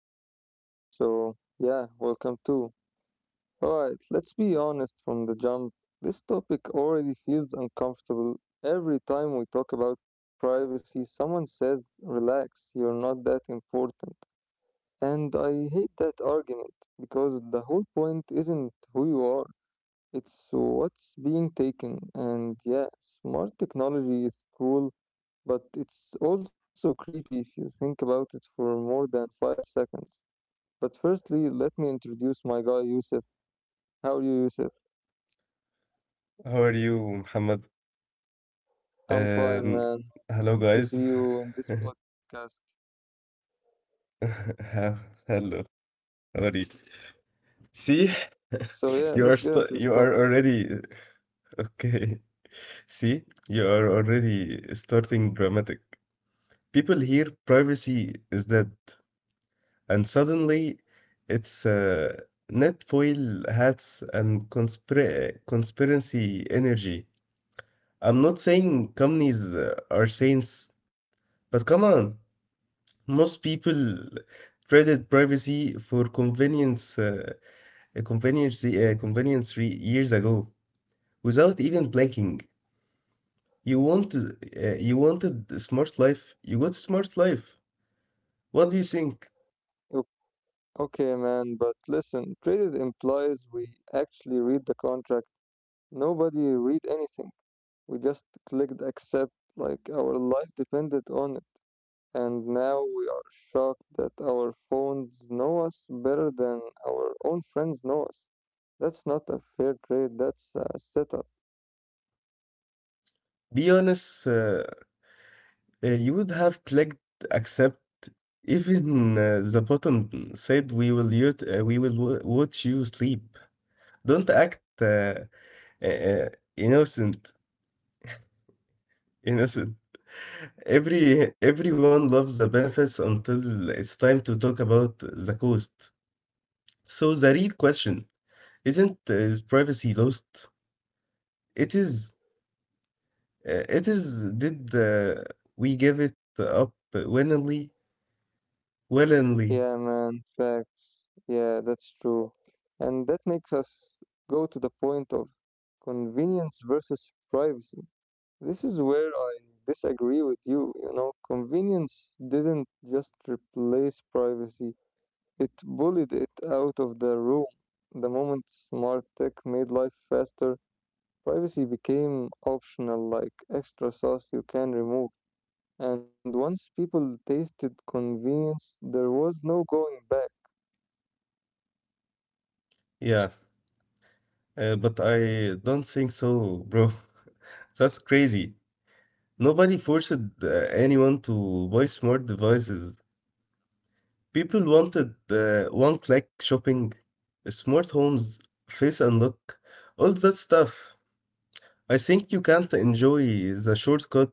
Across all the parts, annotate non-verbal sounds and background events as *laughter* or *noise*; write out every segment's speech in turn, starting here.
your first time, so yeah, welcome too. Alright, let's be honest from the jump. This topic already feels uncomfortable. Every time we talk about privacy, someone says, relax, you're not that important. And I hate that argument because the whole point isn't who you are, it's what's being taken. And yeah, smart technology is cool, but it's also creepy if you think about it for more than five seconds. But firstly, let me introduce my guy Yusuf. How are you, Yusuf? How are you, Muhammad? I'm fine, Um, man. Good Hello, to see guys. you in this *laughs* podcast. How- Hello, how are you? See, So yeah, *laughs* let's get into this you are topic. already *laughs* okay. See, you are already starting dramatic. People hear privacy is dead, and suddenly it's net foil hats and conspiracy energy. I'm not saying companies are saints, but come on. Most people traded privacy for convenience, years ago, without even blinking. You wanted a smart life. You got a smart life. What do you think? O- Okay, man, but listen, traded implies we actually read the contract. Nobody read anything. We just clicked accept like our life depended on it. And now we are shocked that our phones know us better than our own friends know us. That's not a fair trade, that's a setup. Be honest. You would have clicked accept. Even the button said, "We will, we will watch you sleep." Don't act uh, uh, innocent. Innocent. Everyone loves the benefits until it's time to talk about the cost. So the real question isn't is privacy lost? It is. It is. Did we give it up willingly? Willingly. Yeah, man, facts. Yeah, that's true. And that makes us go to the point of convenience versus privacy. This is where I disagree with you. You know, convenience didn't just replace privacy, it bullied it out of the room. The moment smart tech made life faster, privacy became optional, like extra sauce you can remove. And once people tasted convenience, there was no going back. Yeah. But I don't think so, bro. *laughs* That's crazy. Nobody forced anyone to buy smart devices. People wanted one-click shopping, smart homes, face unlock, all that stuff. I think you can't enjoy the shortcut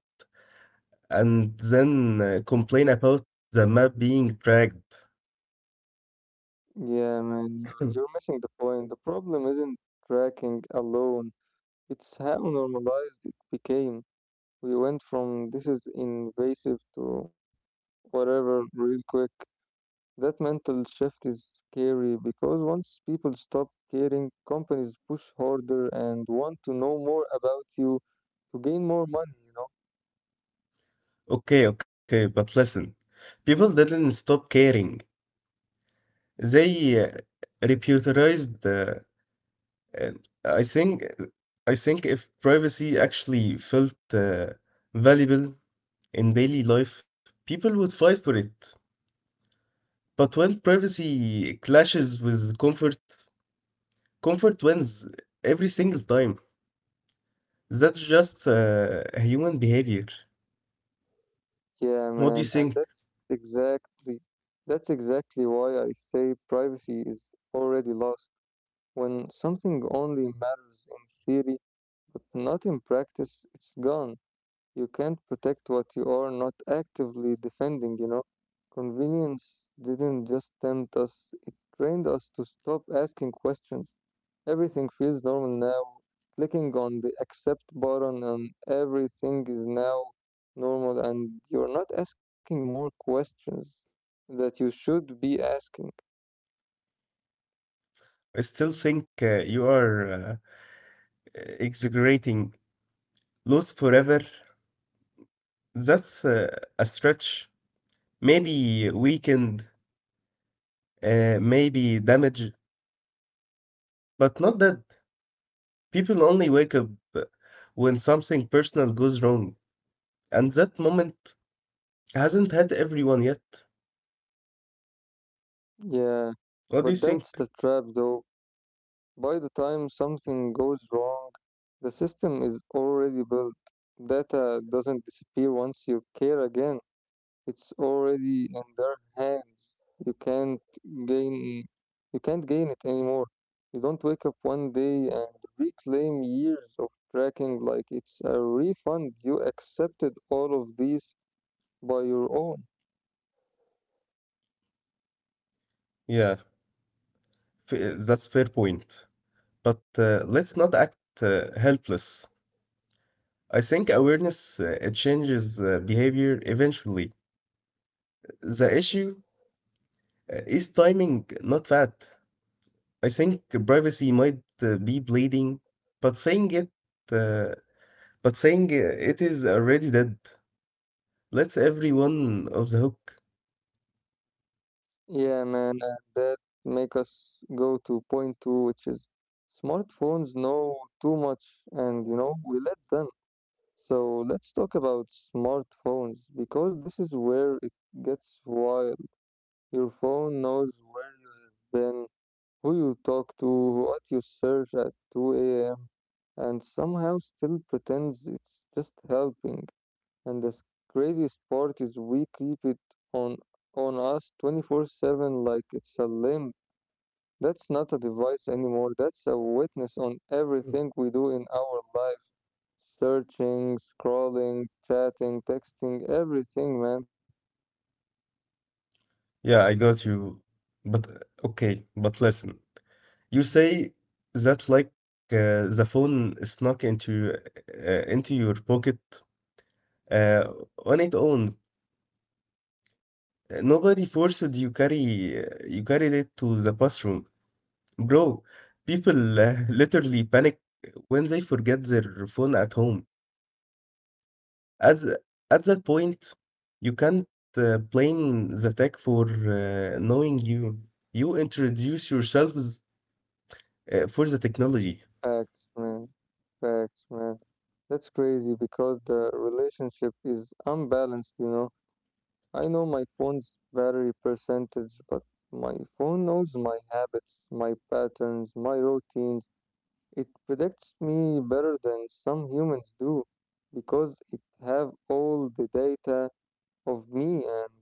and then complain about the map being dragged. Yeah, man, you're, *clears throat* you're missing the point. The problem isn't tracking alone, it's how normalized it became. We went from this is invasive to whatever real quick. That mental shift is scary because once people stop caring, companies push harder and want to know more about you to gain more money, you know? Okay, okay, but listen. People didn't stop caring. They repudiated. And I think, I think if privacy actually felt valuable in daily life, people would fight for it. But when privacy clashes with comfort, comfort wins every single time. That's just a human behavior. What Yeah, do you man, think? and that's exactly why I say privacy is already lost. When something only matters in theory but not in practice, it's gone. You can't protect what you are not actively defending, you know. Convenience didn't just tempt us, it trained us to stop asking questions. Everything feels normal now. Clicking on the accept button and everything is now normal, and you're not asking more questions that you should be asking. I still think you are exaggerating. Lost forever? That's a stretch. Maybe weakened, maybe damaged, but not that. People only wake up when something personal goes wrong, and that moment hasn't had everyone yet. Yeah, What do you but that's think? the trap though. By the time something goes wrong, the system is already built. Data doesn't disappear once you care again. It's already in their hands. Gain you can't gain it anymore. You don't wake up one day and reclaim years of tracking like it's a refund. You accepted all of these by your own. Yeah, that's fair point. But let's not act helpless. I think awareness it changes behavior eventually. The issue is timing, not that. I think privacy might be bleeding, but uh, but saying it is already dead. Let's everyone off the hook. Yeah, man, and that make us go to point two, which is smartphones know too much, and you know we let them. So let's talk about smartphones because this is where it gets wild. Your phone knows where you have been, who you talk to, what you search at 2 a.m., and somehow still pretends it's just helping. And craziest part is we keep it on on us 24/7 like it's a limb that's not a device anymore, that's a witness on Mm. everything we do in our life. Searching, scrolling, chatting, texting, everything, man. Yeah, I got you. But Okay, but listen. You say that like the phone snuck into your pocket uh, on its own. Nobody forced you carried it to the bathroom, bro. People *laughs* literally panic when they forget their phone at home. As at that point, you can't blame the tech for knowing you. You introduce yourselves for the technology. Facts, man. Facts, man. That's crazy because the relationship is unbalanced, you know. I know my phone's battery percentage, but my phone knows my habits, my patterns, my routines. It predicts me better than some humans do because it have all the data of me and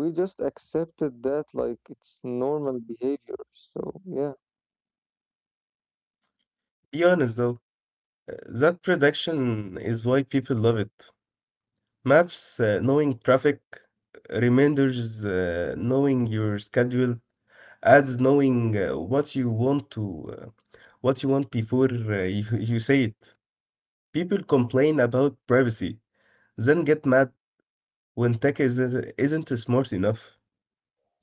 we just accepted that like it's normal behavior. So yeah. Be honest though, uh, that prediction is why people love it. Maps, knowing traffic, reminders, knowing your schedule, as knowing what you want before you, *laughs* you say it. People complain about privacy, then get mad when isn't smart enough.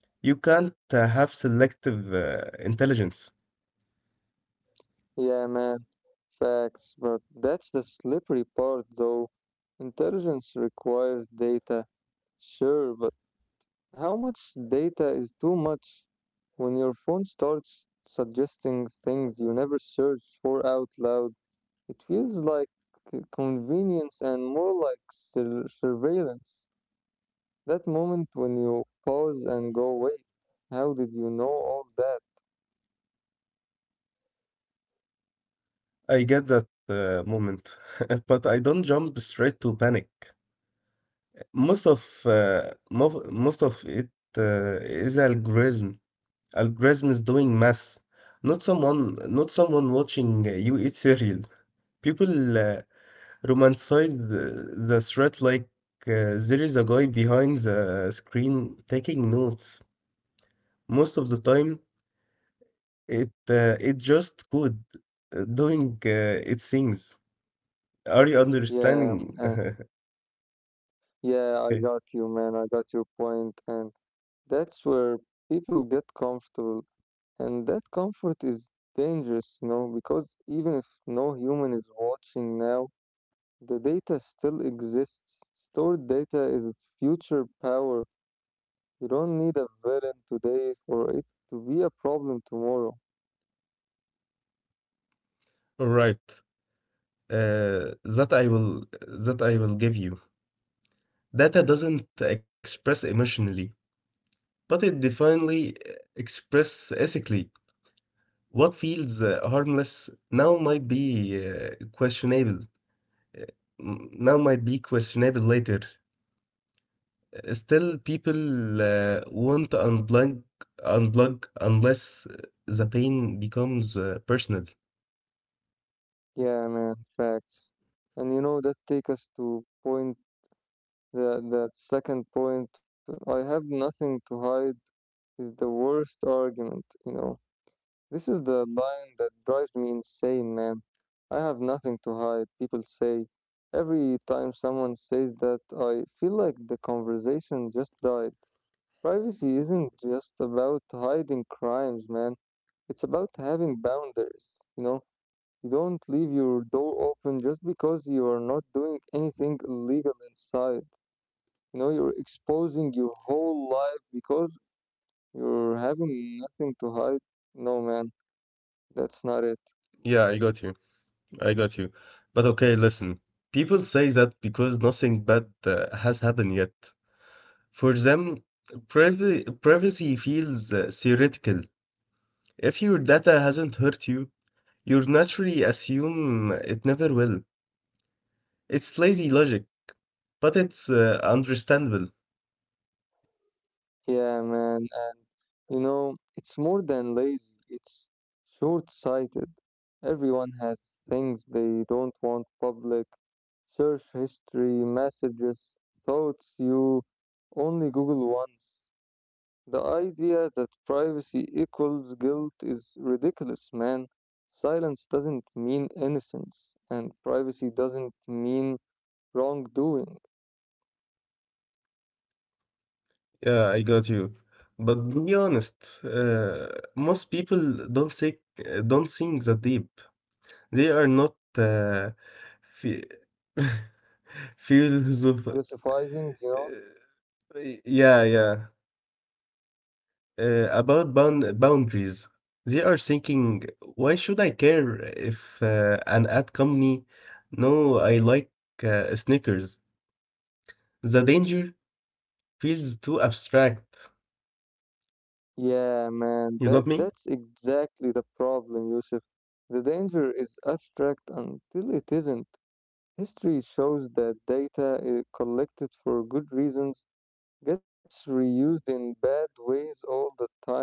You can't have selective intelligence. Yeah man, facts. But that's the slippery part though. Intelligence requires data, sure, but how much data is too much when your phone starts suggesting things you never searched for out loud? It feels like convenience and more like surveillance. That moment when you pause and go, wait, how did you know all that? I get that moment, *laughs* but I don't jump straight to panic. Most of it is algorithm. Algorithm is doing math, not someone watching you eat cereal. People romanticize the threat like there is a guy behind the screen taking notes. Most of the time, it it just code doing its things. Are you Yeah, understanding? *laughs* and yeah, I Okay. got you, man. I got your point, and that's where people get comfortable, and that comfort is dangerous, you know, because even if no human is watching now, the data still exists. Stored data is future power. You don't need a villain today for it to be a problem tomorrow. Right. Uh, that I will that I will give you. Data doesn't express emotionally, but it definitely express ethically. What feels harmless now might be uh, questionable. uh, questionable later. Still, people want to unplug unless the pain becomes personal. Yeah, man, facts. And you know, that take us to point the that second point. I have nothing to hide is the worst argument, you know. This is the line that drives me insane, man. I have nothing to hide, people say. Every time someone says that, I feel like the conversation just died. Privacy isn't just about hiding crimes, man. It's about having boundaries. You know, you don't leave your door open just because you are not doing anything illegal inside. You know, you're exposing your whole life because you're having nothing to hide. No, man, that's not it. Yeah, I got you. I got you. But okay, listen. People say that because nothing bad has happened yet. For them, privacy feels theoretical. If your data hasn't hurt you, you naturally assume it never will. It's lazy logic, but it's understandable. Yeah, man, and you know, it's more than lazy, it's short sighted. Everyone has things they don't want public. Search history, messages, thoughts you only Google once. The idea that privacy equals guilt is ridiculous, man. Silence doesn't mean innocence, and privacy doesn't mean wrongdoing. Yeah, I got you. But be honest, most people don't say don't think that deep. They are not phi- *laughs* philosoph- Philosophizing, you know. uh, yeah, yeah. About boundaries. They are thinking, why should I care if an ad company? No, I like sneakers. The danger feels too abstract. Yeah, man, You that got me? that's exactly the problem, Yusuf. The danger is abstract until it isn't. History shows that data collected for good reasons gets reused in bad ways all the time.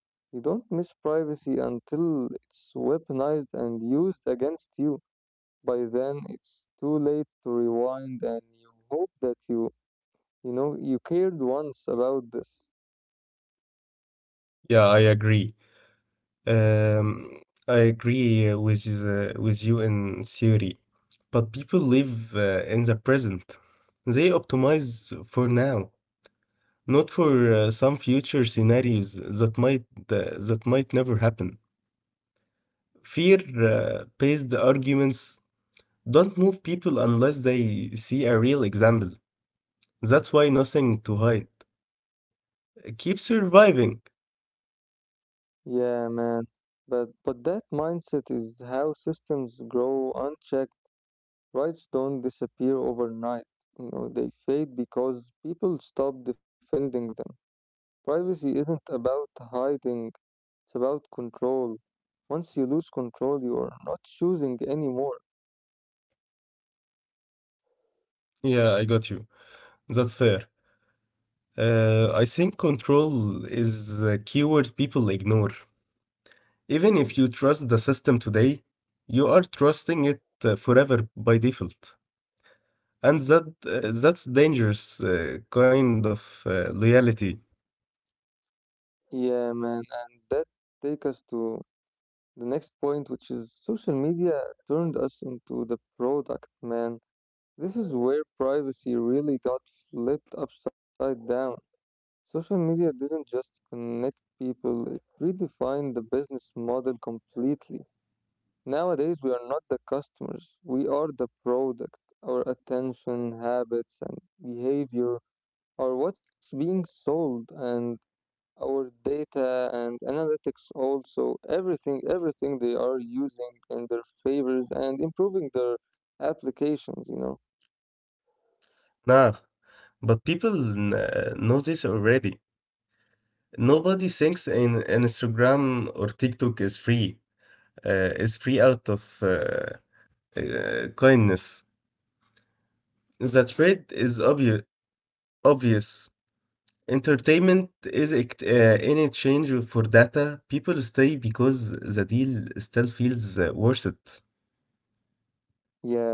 You don't miss privacy until it's weaponized and used against you. By then, it's too late to rewind, and you hope that you know, you cared once about this. Yeah, I agree. Um, I agree with you in theory, but people live in the present. They optimize for now, not for some future scenarios that might never happen. Fear-based arguments don't move people unless they see a real example. That's why nothing to hide keep surviving. Yeah, man. But that mindset is how systems grow unchecked. Rights don't disappear overnight. You know, they fade because people stop defending them. Privacy isn't about hiding, it's about control. Once you lose control, you are not choosing anymore. Yeah, I got you. That's fair. I think control is the keyword people ignore. Even if you trust the system today, you are trusting it forever by default. And that's dangerous kind of loyalty. Yeah, man, and that take us to the next point, which is social media turned us into the product, man. This is where privacy really got flipped upside down. Social media didn't just connect people, it redefined the business model completely. Nowadays, we are not the customers, we are the product. Our attention, habits, and behavior are what's being sold, and our data and analytics also everything they are using in their favors and improving their applications, you know. Nah, but people know this already. Nobody thinks in Instagram or TikTok is free. Is free out of kindness. That trade is obvious. Entertainment is in exchange for data. People stay because the deal still feels worth it. Yeah.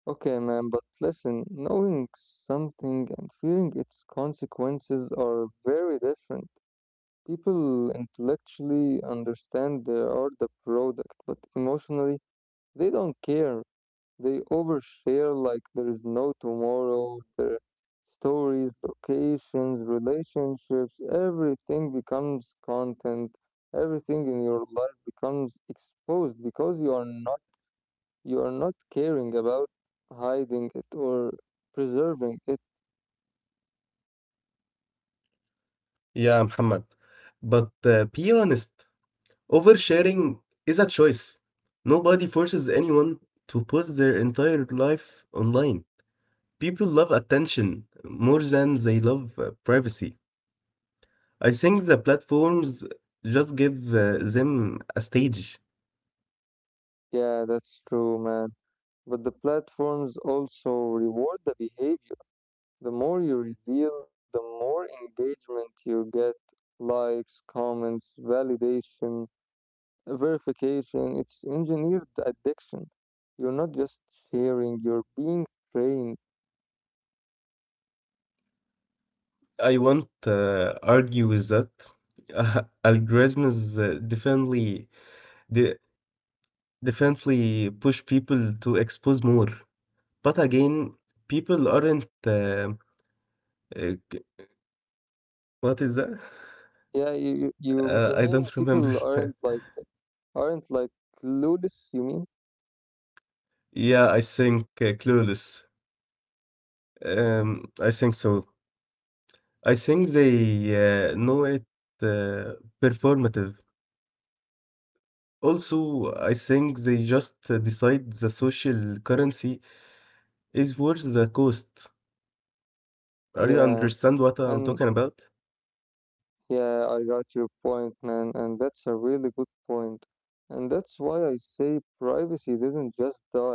Okay, man, but listen, knowing something and feeling its consequences are very different. People intellectually understand they are the product, but emotionally, they don't care. They overshare like there is no tomorrow. Their stories, locations, relationships, everything becomes content. Everything in your life becomes exposed because you are not caring about hiding it or preserving it. Yeah, Muhammad. But be honest, oversharing is a choice. Nobody forces anyone to post their entire life online. People love attention more than they love privacy. I think the platforms just give them a stage. Yeah, that's true, man. But the platforms also reward the behavior. The more you reveal, the more engagement you get: likes, comments, validation, verification. It's engineered addiction. You're not just sharing, you're being trained. I won't argue with that. *laughs* Algorithms de- definitely push people to expose more. But again, people aren't c- what is that? Yeah, you, you, you I mean don't remember. people *laughs* aren't like clueless, you mean? Yeah, I think clueless. I think so. I think they know it uh, performative. Also, I think they just decide the social currency is worth the cost. Are you Yeah. understand what I'm And talking about? yeah, I got your point, man, and that's a really good point. And that's why I say privacy didn't just die,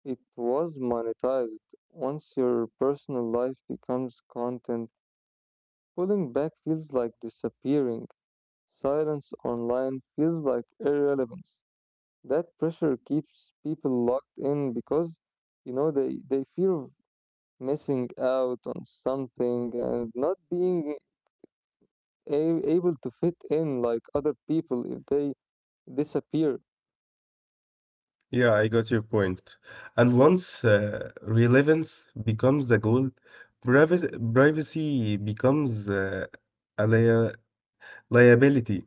it was monetized. Once your personal life becomes content, pulling back feels like disappearing. Silence online feels like irrelevance. That pressure keeps people locked in because, you know, they fear of missing out on something and not being able to fit in like other people if they disappear. Yeah, I got your point. And once relevance becomes the goal, privacy, privacy becomes a lia- liability.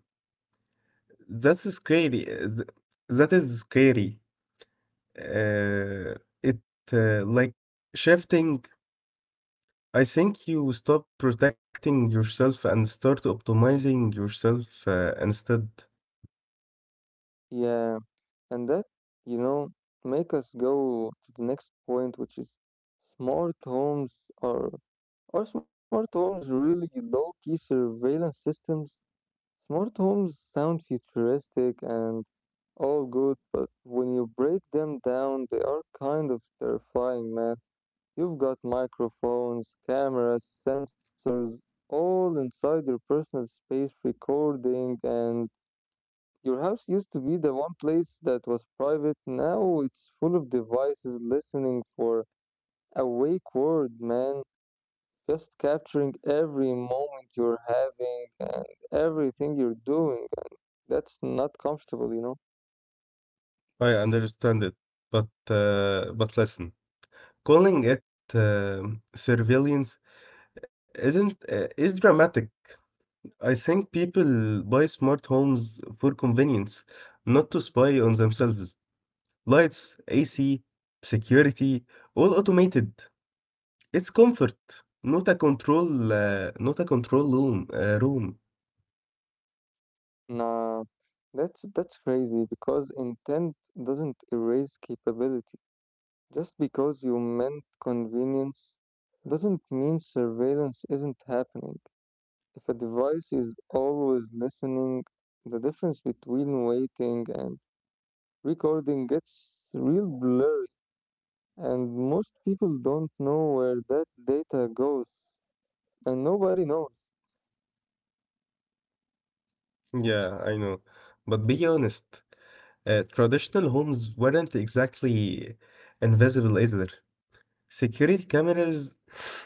That's scary. That is scary. Uh, it like shifting. I think you stop protecting yourself and start optimizing yourself instead. Yeah, and that, you know, make us go to the next point, which is smart homes are smart homes really low-key surveillance systems? Smart homes sound futuristic and all good, but when you break them down, they are kind of terrifying, man. You've got microphones, cameras, sensors, all inside your personal space recording, and your house used to be the one place that was private. Now it's full of devices listening for a wake word, man. Just capturing every moment you're having and everything you're doing. That's not comfortable, you know? I understand it, but but listen. Calling it surveillance isn't is dramatic. I think people buy smart homes for convenience, not to spy on themselves. Lights, AC, security, all automated. It's comfort, not a control, not a control room. Nah, that's crazy because intent doesn't erase capability. Just because you meant convenience doesn't mean surveillance isn't happening. If a device is always listening, the difference between waiting and recording gets real blurry, and most people don't know where that data goes, and nobody knows. Yeah, I know. But be honest, traditional homes weren't exactly invisible either. Security cameras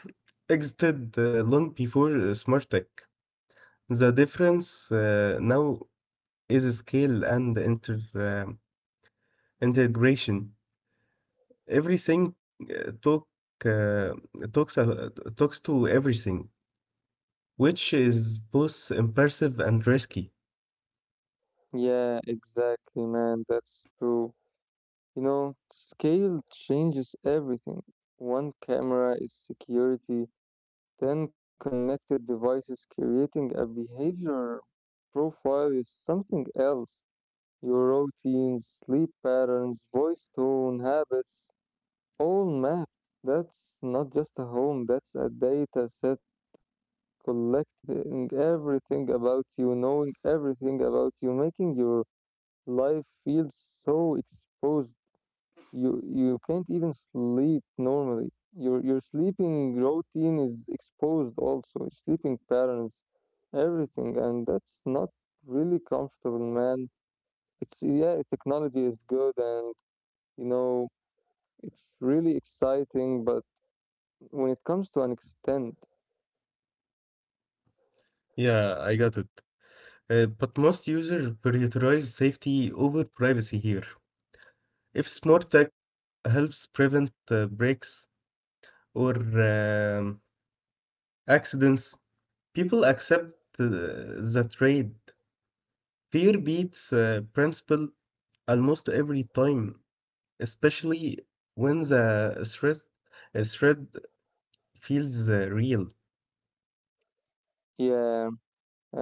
*laughs* existed long before smart tech. The difference now is scale and integration. Everything uh, talk uh, talks uh, talks to everything, which is both impressive and risky. Yeah, exactly, man. That's true. You know, scale changes everything. One camera is security. Then connected devices creating a behavior profile is something else. Your routines, sleep patterns, voice tone, habits, all mapped. That's not just a home, that's a data set collecting everything about you, knowing everything about you, making your life feel so exposed you can't even sleep normally. Your sleeping routine is exposed also, your sleeping patterns, everything, and that's not really comfortable, man. It's yeah, technology is good and you know it's really exciting, but when it comes to an extent, Yeah, I got it. But most users prioritize safety over privacy here. If smart tech helps prevent breaks or um accidents, people accept the trade. Fear beats principle almost every time, especially when threat feels real. yeah,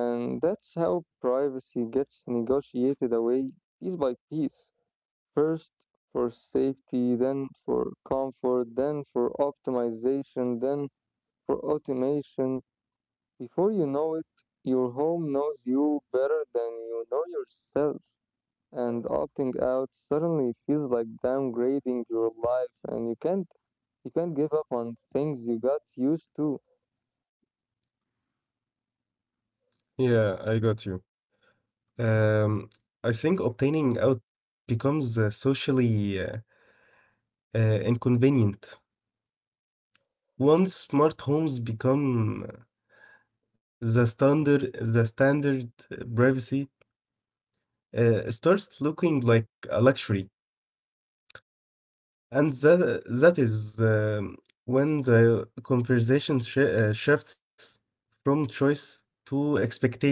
and that's how privacy gets negotiated away piece by piece. First for safety, then for comfort, then for optimization, then for automation. Before you know it, your home knows you better than you know yourself. And opting out suddenly feels like downgrading your life and you can't give up on things you got used to. Yeah, I got you. Um, I think obtaining out becomes socially inconvenient. Once smart homes become the standard, privacy starts looking like a luxury. And that is when the conversation shifts from choice to expectation.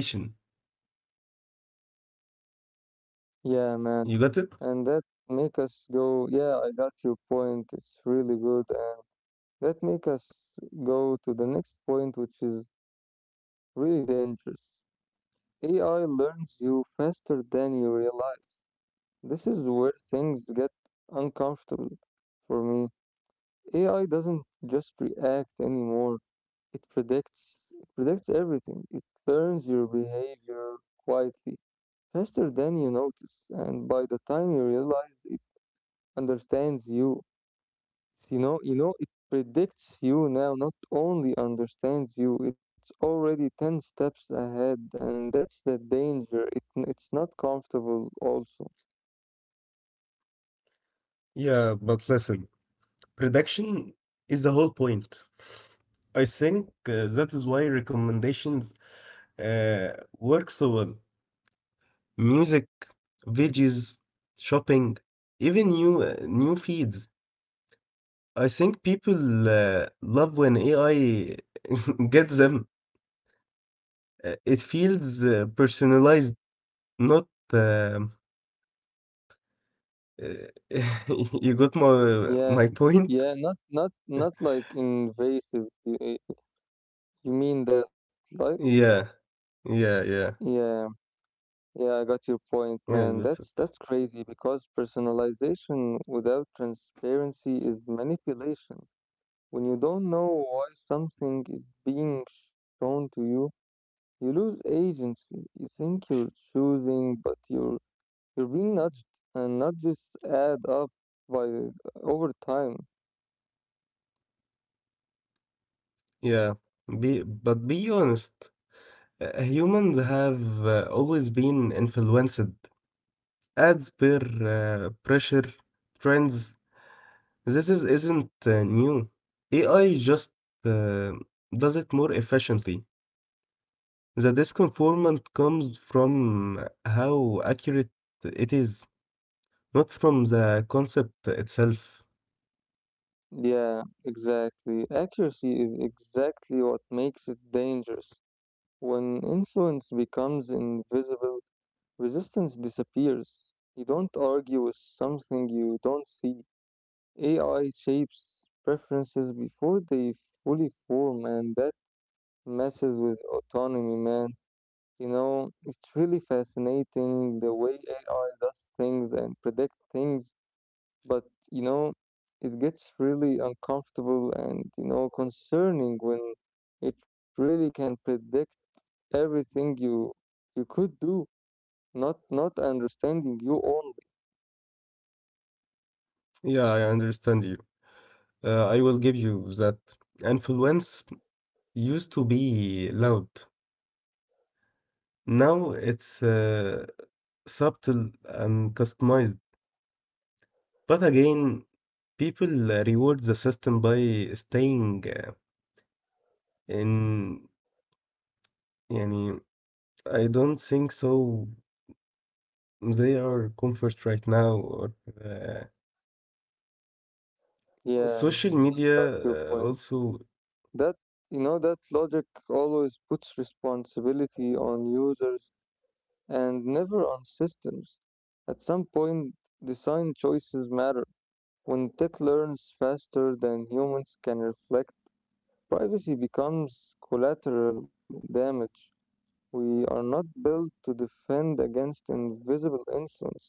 Yeah, man. You got it? And that make us go, yeah, I got your point. It's really good. And that make us go to the next point, which is really dangerous. AI learns you faster than you realize. This is where things get uncomfortable for me. AI doesn't just react anymore. It predicts everything. It learns your behavior quietly, faster than you notice, and by the time you realize it understands you you know It predicts you now, not only understands you. It's already 10 steps ahead, and that's the danger. It's not comfortable also. Yeah, but listen, prediction is the whole point. I think that is why recommendations uh, work so well. Music, videos, shopping, even new feeds. I think people love when AI *laughs* gets them. It feels personalized. Not, um, uh, *laughs* you got Yeah, my point? yeah, not like invasive, you mean that, like, Yeah, yeah, yeah, yeah, yeah, I got your point, yeah, man. that's it. That's crazy because personalization without transparency is manipulation. When you don't know why something is being shown to you, you lose agency. You think you're choosing, but you're being nudged, and nudges add up by over time. Yeah, be but be honest, humans have always been influenced ads per pressure trends. This is isn't new. AI just uh, does it more efficiently. The disconformant comes from how accurate it is, not from the concept itself. Yeah, exactly. Accuracy is exactly what makes it dangerous. When influence becomes invisible, resistance disappears. You don't argue with something you don't see. AI shapes preferences before they fully form, and that messes with autonomy, man. You know, it's really fascinating the way AI does things and predict things, but you know, it gets really uncomfortable and, you know, concerning when it really can predict everything you could do, not understanding you own. Yeah, I understand you. I will give you that influence used to be loud. Now it's subtle and customized. But again, people reward the system by staying in. Yani, I don't think so. They are comfort right now, or uh, Yeah, yeah, social man, I media got your point. also. That, you know, that logic always puts responsibility on users and never on systems. At some point, design choices matter. When tech learns faster than humans can reflect, privacy becomes collateral damage. We are not built to defend against invisible influence, man.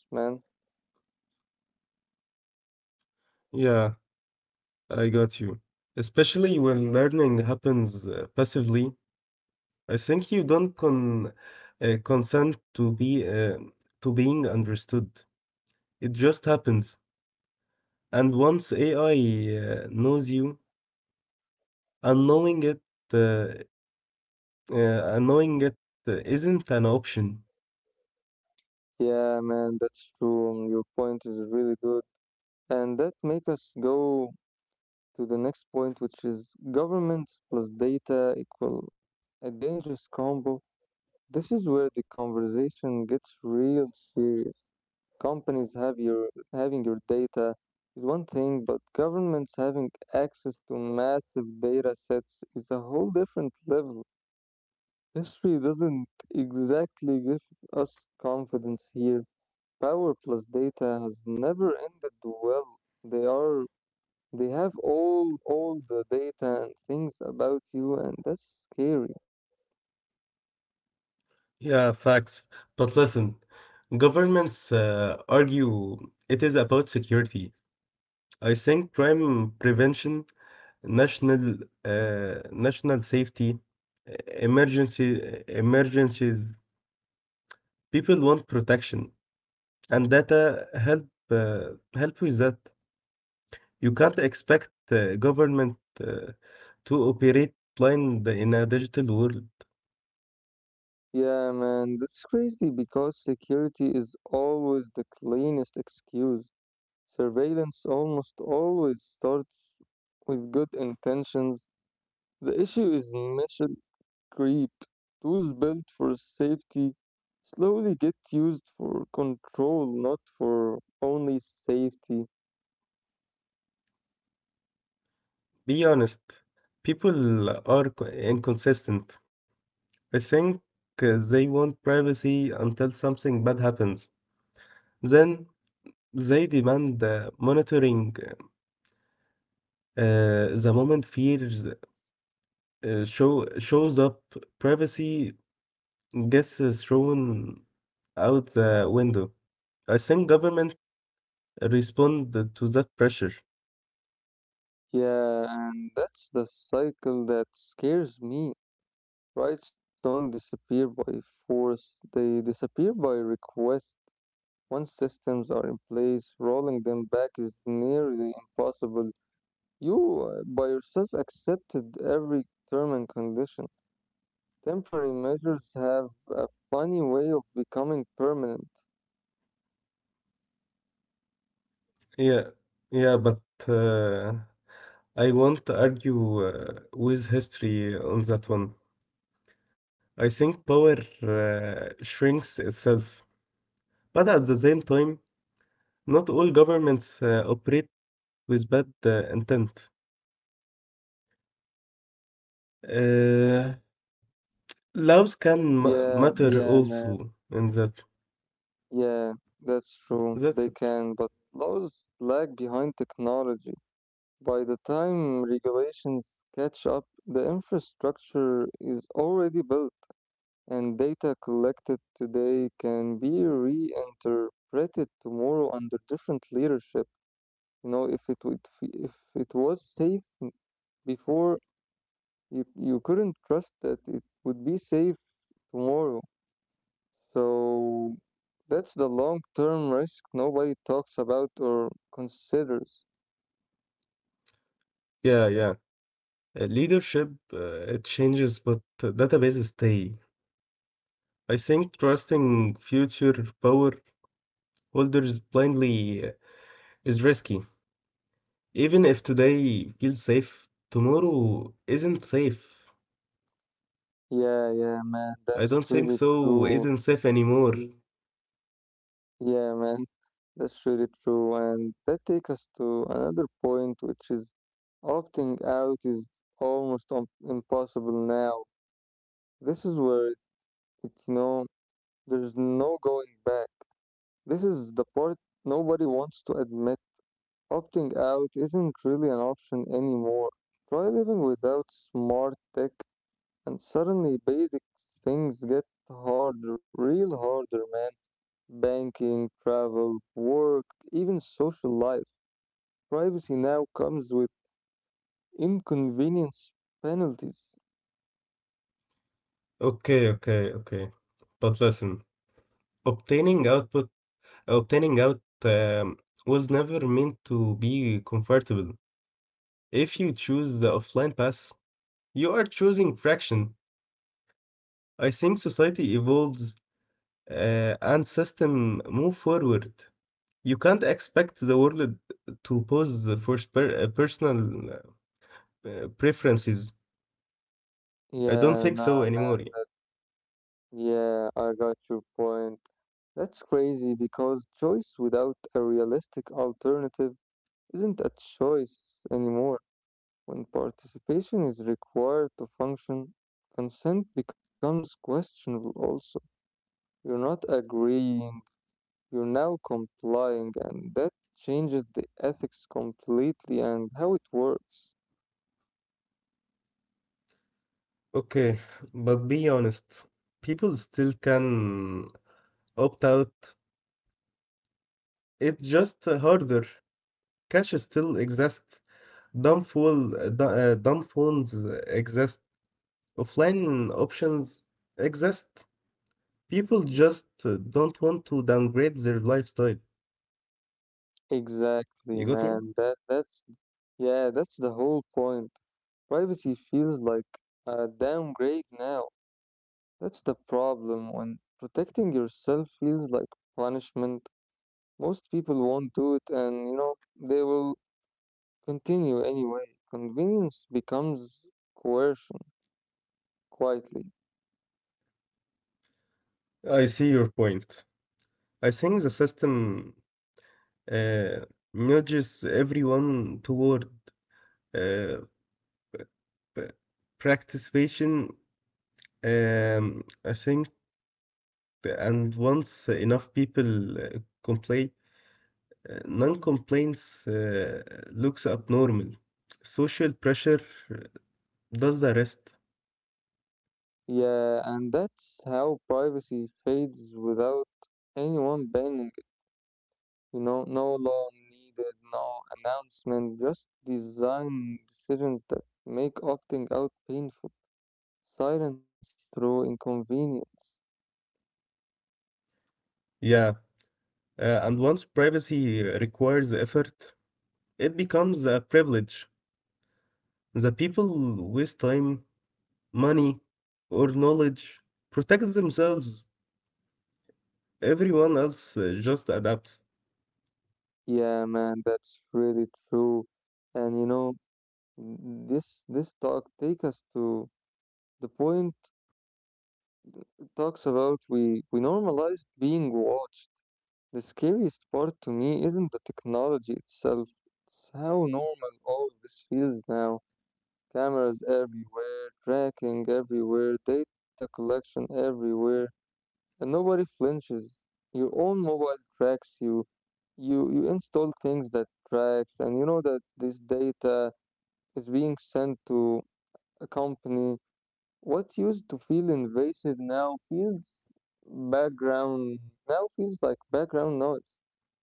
Yeah, I got you. Especially when learning happens passively. I think you don't consent to being understood. It just happens. And once AI knows you, unknowing it, uh, unknowing it isn't an option. Yeah, man, that's true. Your point is really good. And that make us go to the next point, which is governments plus data equal a dangerous combo. This is where the conversation gets real serious. Companies have your having your data is one thing, but governments having access to massive data sets is a whole different level. History doesn't exactly give us confidence here. Power plus data has never ended well. They are they have all the data and things about you, and that's scary. Yeah, facts. But listen, governments argue it is about security. I think crime prevention, national national safety, emergency emergencies. People want protection, and data help with that. You can't expect government to operate blind in a digital world. Yeah, man, that's crazy because security is always the cleanest excuse. Surveillance almost always starts with good intentions. The issue is mission creep. Tools built for safety slowly get used for control, not for only safety. Be honest, people are inconsistent. I think they want privacy until something bad happens. Then they demand monitoring. The moment fears shows up, privacy gets thrown out the window. I think government respond to that pressure. Yeah, and that's the cycle that scares me. Rights don't disappear by force, they disappear by request. Once systems are in place, rolling them back is nearly impossible. You, by yourself, accepted every term and condition. Temporary measures have a funny way of becoming permanent. Yeah, yeah, but uh, I won't argue with history on that one. I think power shrinks itself, but at the same time, not all governments operate with bad intent. Uh, Laws can Yeah, matter yeah, man. also in that. Yeah, that's true. They That's it. can, but laws lag behind technology. By the time regulations catch up, the infrastructure is already built, and data collected today can be reinterpreted tomorrow under different leadership. You know, if it was safe before, you couldn't trust that it would be safe tomorrow. So that's the long-term risk nobody talks about or considers. Yeah, yeah. Leadership it changes, but databases stay. I think trusting future power holders blindly is risky. Even if today feels safe, tomorrow isn't safe. Yeah, yeah, man, I don't that's think really so, true. isn't safe anymore. Yeah, man. That's really true, and that takes us to another point, which is opting out is almost impossible now. This is where it- It's there's no going back. This is the part nobody wants to admit. Opting out isn't really an option anymore. Try living without smart tech, and suddenly basic things get harder, real harder, man. Banking, travel, work, even social life. Privacy now comes with inconvenience penalties. Okay, okay, okay. But listen, obtaining output, obtaining out um, was never meant to be comfortable. If you choose the offline path, you are choosing fraction. I think society evolves and system move forward. You can't expect the world to pause for personal preferences. I don't Yeah, think nah, so anymore. yeah, I got your point. That's crazy because choice without a realistic alternative isn't a choice anymore. When participation is required to function, consent becomes questionable also. You're not agreeing, you're now complying, and that changes the ethics completely and how it works. Okay, but be honest, people still can opt out. It's just harder. Cash still exists. Dumb phones exist. Offline options exist. People just don't want to downgrade their lifestyle. Exactly, You got me? man. That's yeah, that's the whole point. Privacy feels like a downgrade now. That's the problem. When protecting yourself feels like punishment, most people won't do it, and, you know, they will continue anyway. Convenience becomes coercion quietly. I see your point. I think the system uh, nudges everyone toward uh, p- participation. I think, and once enough people complain, non-complaints looks abnormal. Social pressure does the rest. Yeah, and that's how privacy fades without anyone banning. You know, no law needed, no announcement, just design decisions that make opting out painful. Silence through inconvenience. Yeah, and once privacy requires effort, it becomes a privilege. The people waste time, money, or knowledge protect themselves. Everyone else just adapts. Yeah, man, that's really true. And you know, this talk take us to the point. It talks about we normalized being watched. The scariest part to me isn't the technology itself. It's how normal all of this feels now. Cameras everywhere, tracking everywhere, data collection everywhere, and nobody flinches. Your own mobile tracks you. You install things that tracks, and you know that this data is being sent to a company. What used to feel invasive now feels background. Now feels like background noise.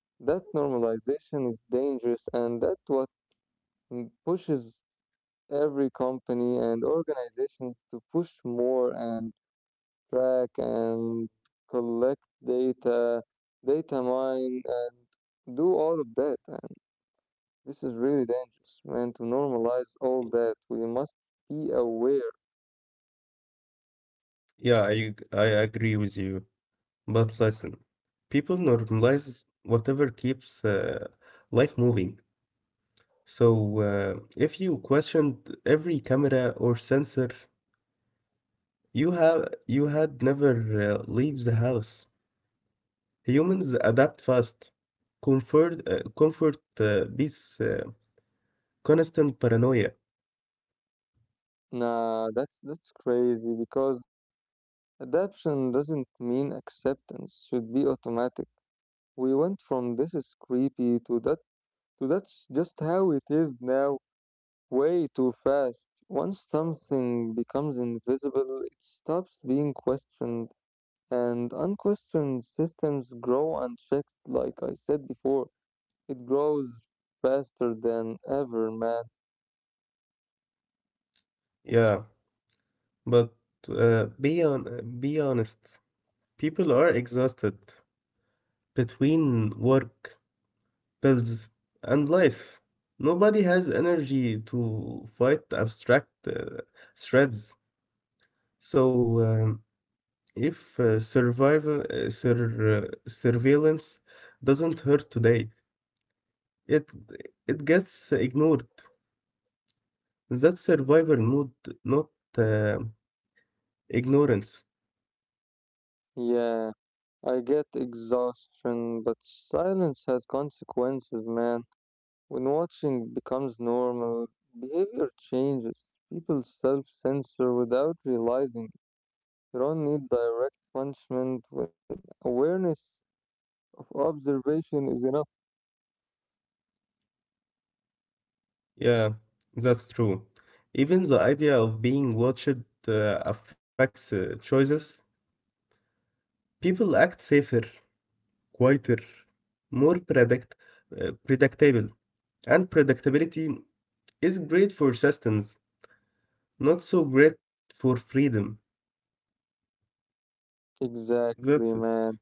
That normalization is dangerous, and that's what pushes every company and organization to push more and track and collect data, data mine, and do all of that. And this is really dangerous, man, to normalize all that. We must be aware. Yeah, I agree with you. But listen, people normalize whatever keeps life moving. So if you questioned every camera or sensor, you had never leave the house. Humans adapt fast. Comfort beats constant paranoia. Nah, that's crazy because adaption doesn't mean acceptance should be automatic. We went from this is creepy to that's just how it is now, way too fast. Once something becomes invisible, it stops being questioned, and unquestioned systems grow unchecked, like I said before. It grows faster than ever, man. Yeah. But be honest, people are exhausted between work, bills, and life. Nobody has energy to fight abstract threats. So, if surveillance doesn't hurt today, it it gets ignored. That's survival mode, not uh, ignorance. Yeah, I get exhaustion, but silence has consequences, man. When watching becomes normal, behavior changes. People self censor without realizing. You don't need direct punishment when awareness. Observation is enough. Yeah, that's true. Even the idea of being watched uh, affects choices. People act safer, quieter, more predict predictable. And predictability is great for systems, not so great for freedom. Exactly, That's it. man.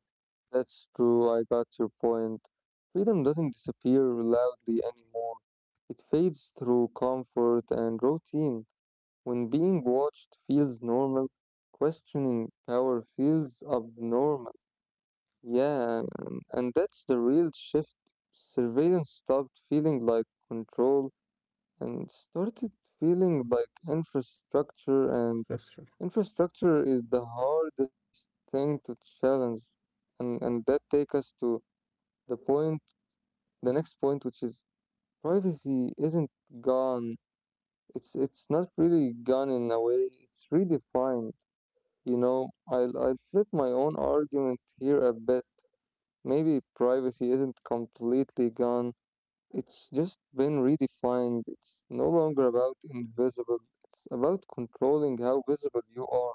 That's true. I got your point. Freedom doesn't disappear loudly anymore. It fades through comfort and routine. When being watched feels normal, questioning power feels abnormal. Yeah, and that's the real shift. Surveillance stopped feeling like control and started feeling like infrastructure, and That's true. infrastructure is the hardest thing to challenge. And that takes us to the point, the next point, which is privacy isn't gone. It's not really gone in a way. It's redefined. You know, I'll flip my own argument here a bit. Maybe privacy isn't completely gone. It's just been redefined. It's no longer about invisible. It's about controlling how visible you are.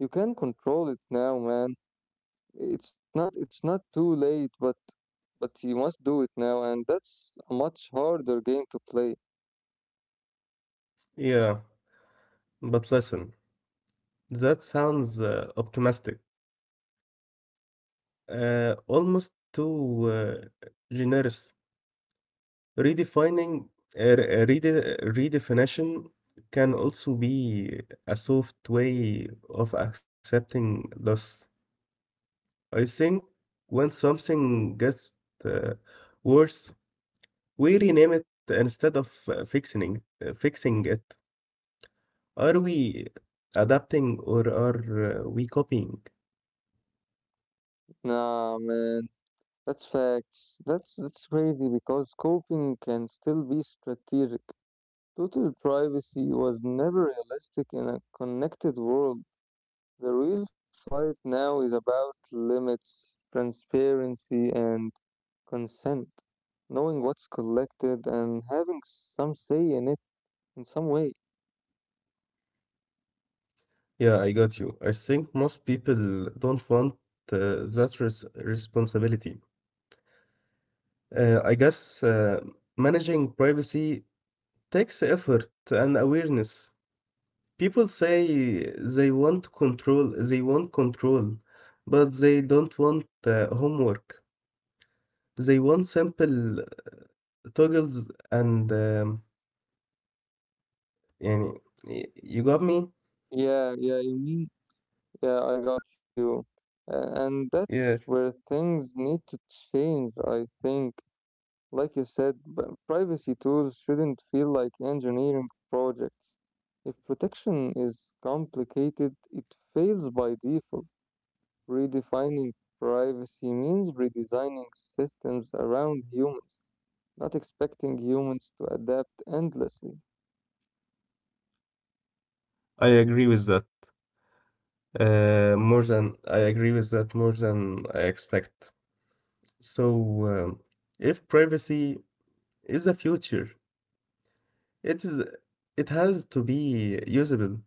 You can control it now, man. It's not too late, but you must do it now, and that's a much harder game to play. Yeah, but listen, that sounds optimistic, almost too uh, generous. Redefining Redefinition can also be a soft way of accepting loss. I think when something gets uh, worse, we rename it instead of fixing it. Are we adapting or are we copying? Nah, man, that's facts. That's crazy because coping can still be strategic. Total privacy was never realistic in a connected world. The real fight now is about limits, transparency, and consent. Knowing what's collected and having some say in it in some way. Yeah, I got you. I think most people don't want that res responsibility. I guess managing privacy takes effort and awareness. People say they want control, but they don't want homework. They want simple toggles and yani, you got me? Yeah, yeah, you mean, yeah, I got you. And Yeah, that's where things need to change, I think. Like you said, privacy tools shouldn't feel like engineering projects. If protection is complicated, it fails by default. Redefining privacy means redesigning systems around humans, not expecting humans to adapt endlessly. I agree with that. More than I expect. So, um, if privacy is a future, it is it has to be usable.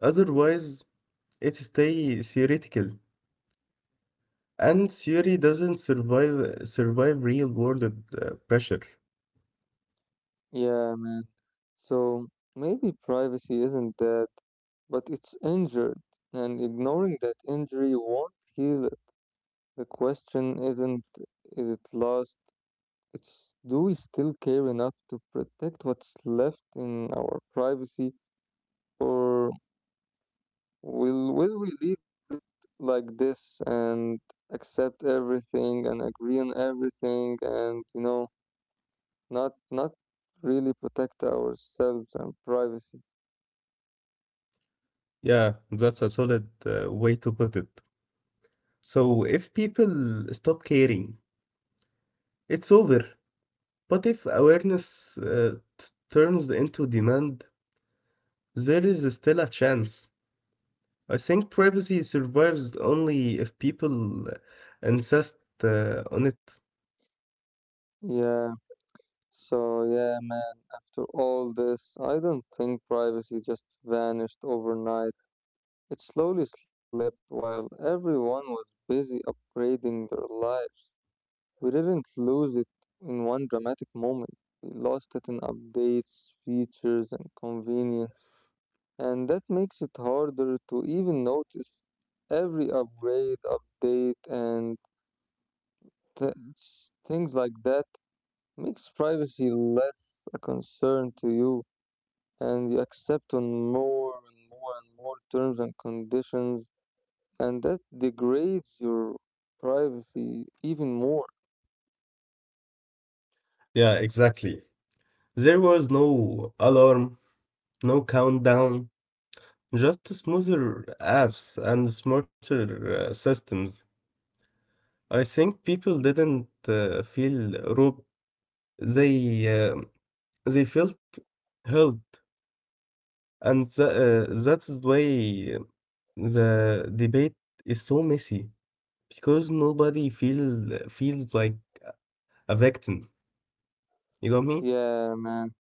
Otherwise, it stay theoretical, and theory doesn't survive real world pressure. Yeah, man. So maybe privacy isn't dead, but it's injured, and ignoring that injury won't heal it. The question isn't is it lost, it's do we still care enough to protect what's left in our privacy, or will we leave it like this and accept everything and agree on everything, and, you know, not really protect ourselves and privacy. Yeah, that's a solid way to put it. So if people stop caring, it's over. But if awareness turns into demand, there is still a chance. I think privacy survives only if people insist on it. Yeah. So, yeah, man, after all this, I don't think privacy just vanished overnight. It slowly slipped while everyone was busy upgrading their lives. We didn't lose it in one dramatic moment, we lost it in updates, features, and convenience. And that makes it harder to even notice. Every upgrade, update, and th- things like that makes privacy less a concern to you, and you accept on more and more and more terms and conditions, and that degrades your privacy even more. Yeah, exactly. There was no alarm, no countdown, just smoother apps and smarter systems. I think people didn't feel robbed. They uh, they felt helped, and that's why the debate is so messy because nobody feel feels like a victim. You got me? Yeah, man.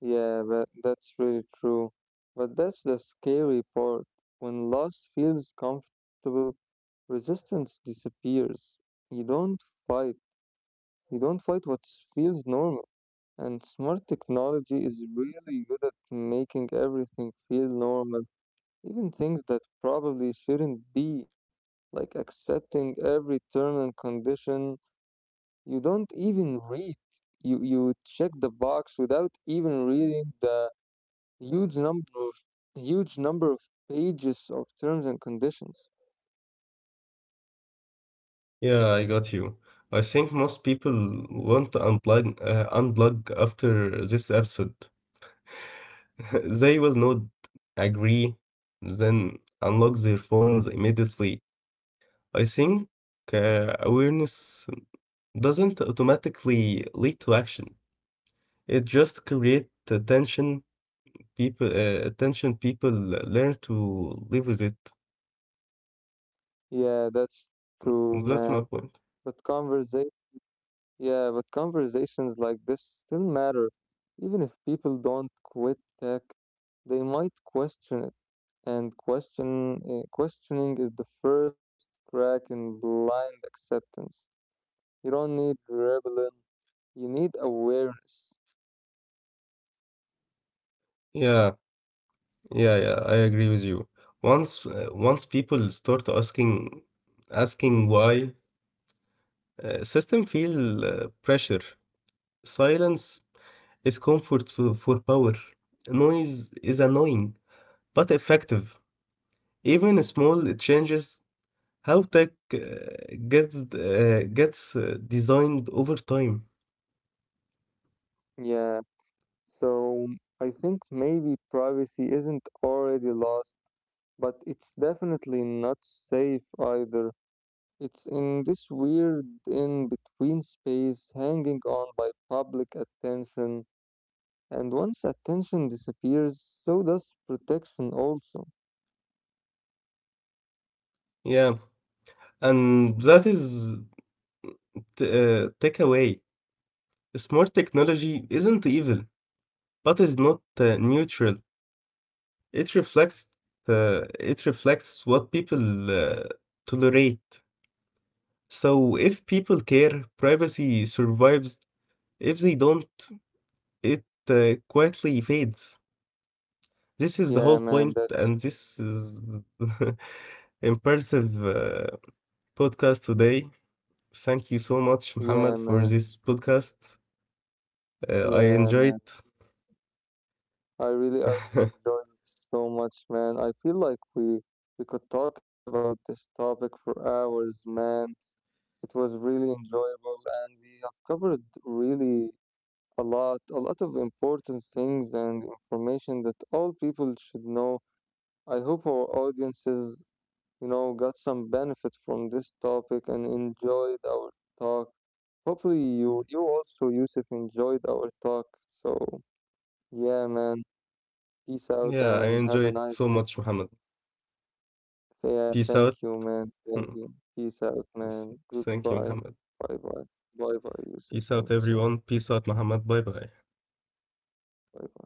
Yeah, that's really true. But that's the scary part. When loss feels comfortable, resistance disappears. You don't fight. You don't fight what feels normal. And smart technology is really good at making everything feel normal. Even things that probably shouldn't be, like accepting every turn and condition you don't even read. You check the box without even reading the huge number of huge number of pages of terms and conditions. Yeah, I got you. I think most people want to unplug after this episode. *laughs* They will not agree, then unlock their phones immediately. I think awareness doesn't automatically lead to action. It just creates attention. People, attention. People learn to live with it. Yeah, that's true, That's my man. point. But conversation Yeah, but conversations like this still matter. Even if people don't quit tech, they might question it. Questioning is the first crack in blind acceptance. You don't need rebellion, you need awareness. Yeah, yeah, yeah, I agree with you. Once people start asking why, system feel pressure. Silence is comfort for power. Noise is annoying, but effective. Even small changes how tech gets designed over time. Yeah, so I think maybe privacy isn't already lost, but it's definitely not safe either. It's in this weird in between space, hanging on by public attention, and once attention disappears, so does protection also. Yeah, and that is takeaway. Smart technology isn't evil, but is not neutral. It reflects uh, it reflects what people uh, tolerate. So if people care, privacy survives. If they don't, it quietly fades. This is the whole Yeah, man, point, that's and this is *laughs* impressive podcast today. Thank you so much, yeah, Muhammad, for man, this podcast. I yeah, man. enjoyed. I really *laughs* enjoyed it so much, man. I feel like we could talk about this topic for hours, man. It was really enjoyable, and we have covered really a lot of important things and information that all people should know. I hope our audiences, you know, got some benefit from this topic and enjoyed our talk. Hopefully, you also, Yusuf, enjoyed our talk. So, yeah, man, peace out Yeah, I and have a enjoyed nice so day. much, Muhammad. Yeah, Peace thank out. you, man. Thank Hmm. you. Peace out, man. Thank you, Goodbye. Muhammad. Bye bye. Bye bye, Yusuf. Peace Thank out, you so much. everyone. Peace out, Muhammad. Bye bye. Bye bye.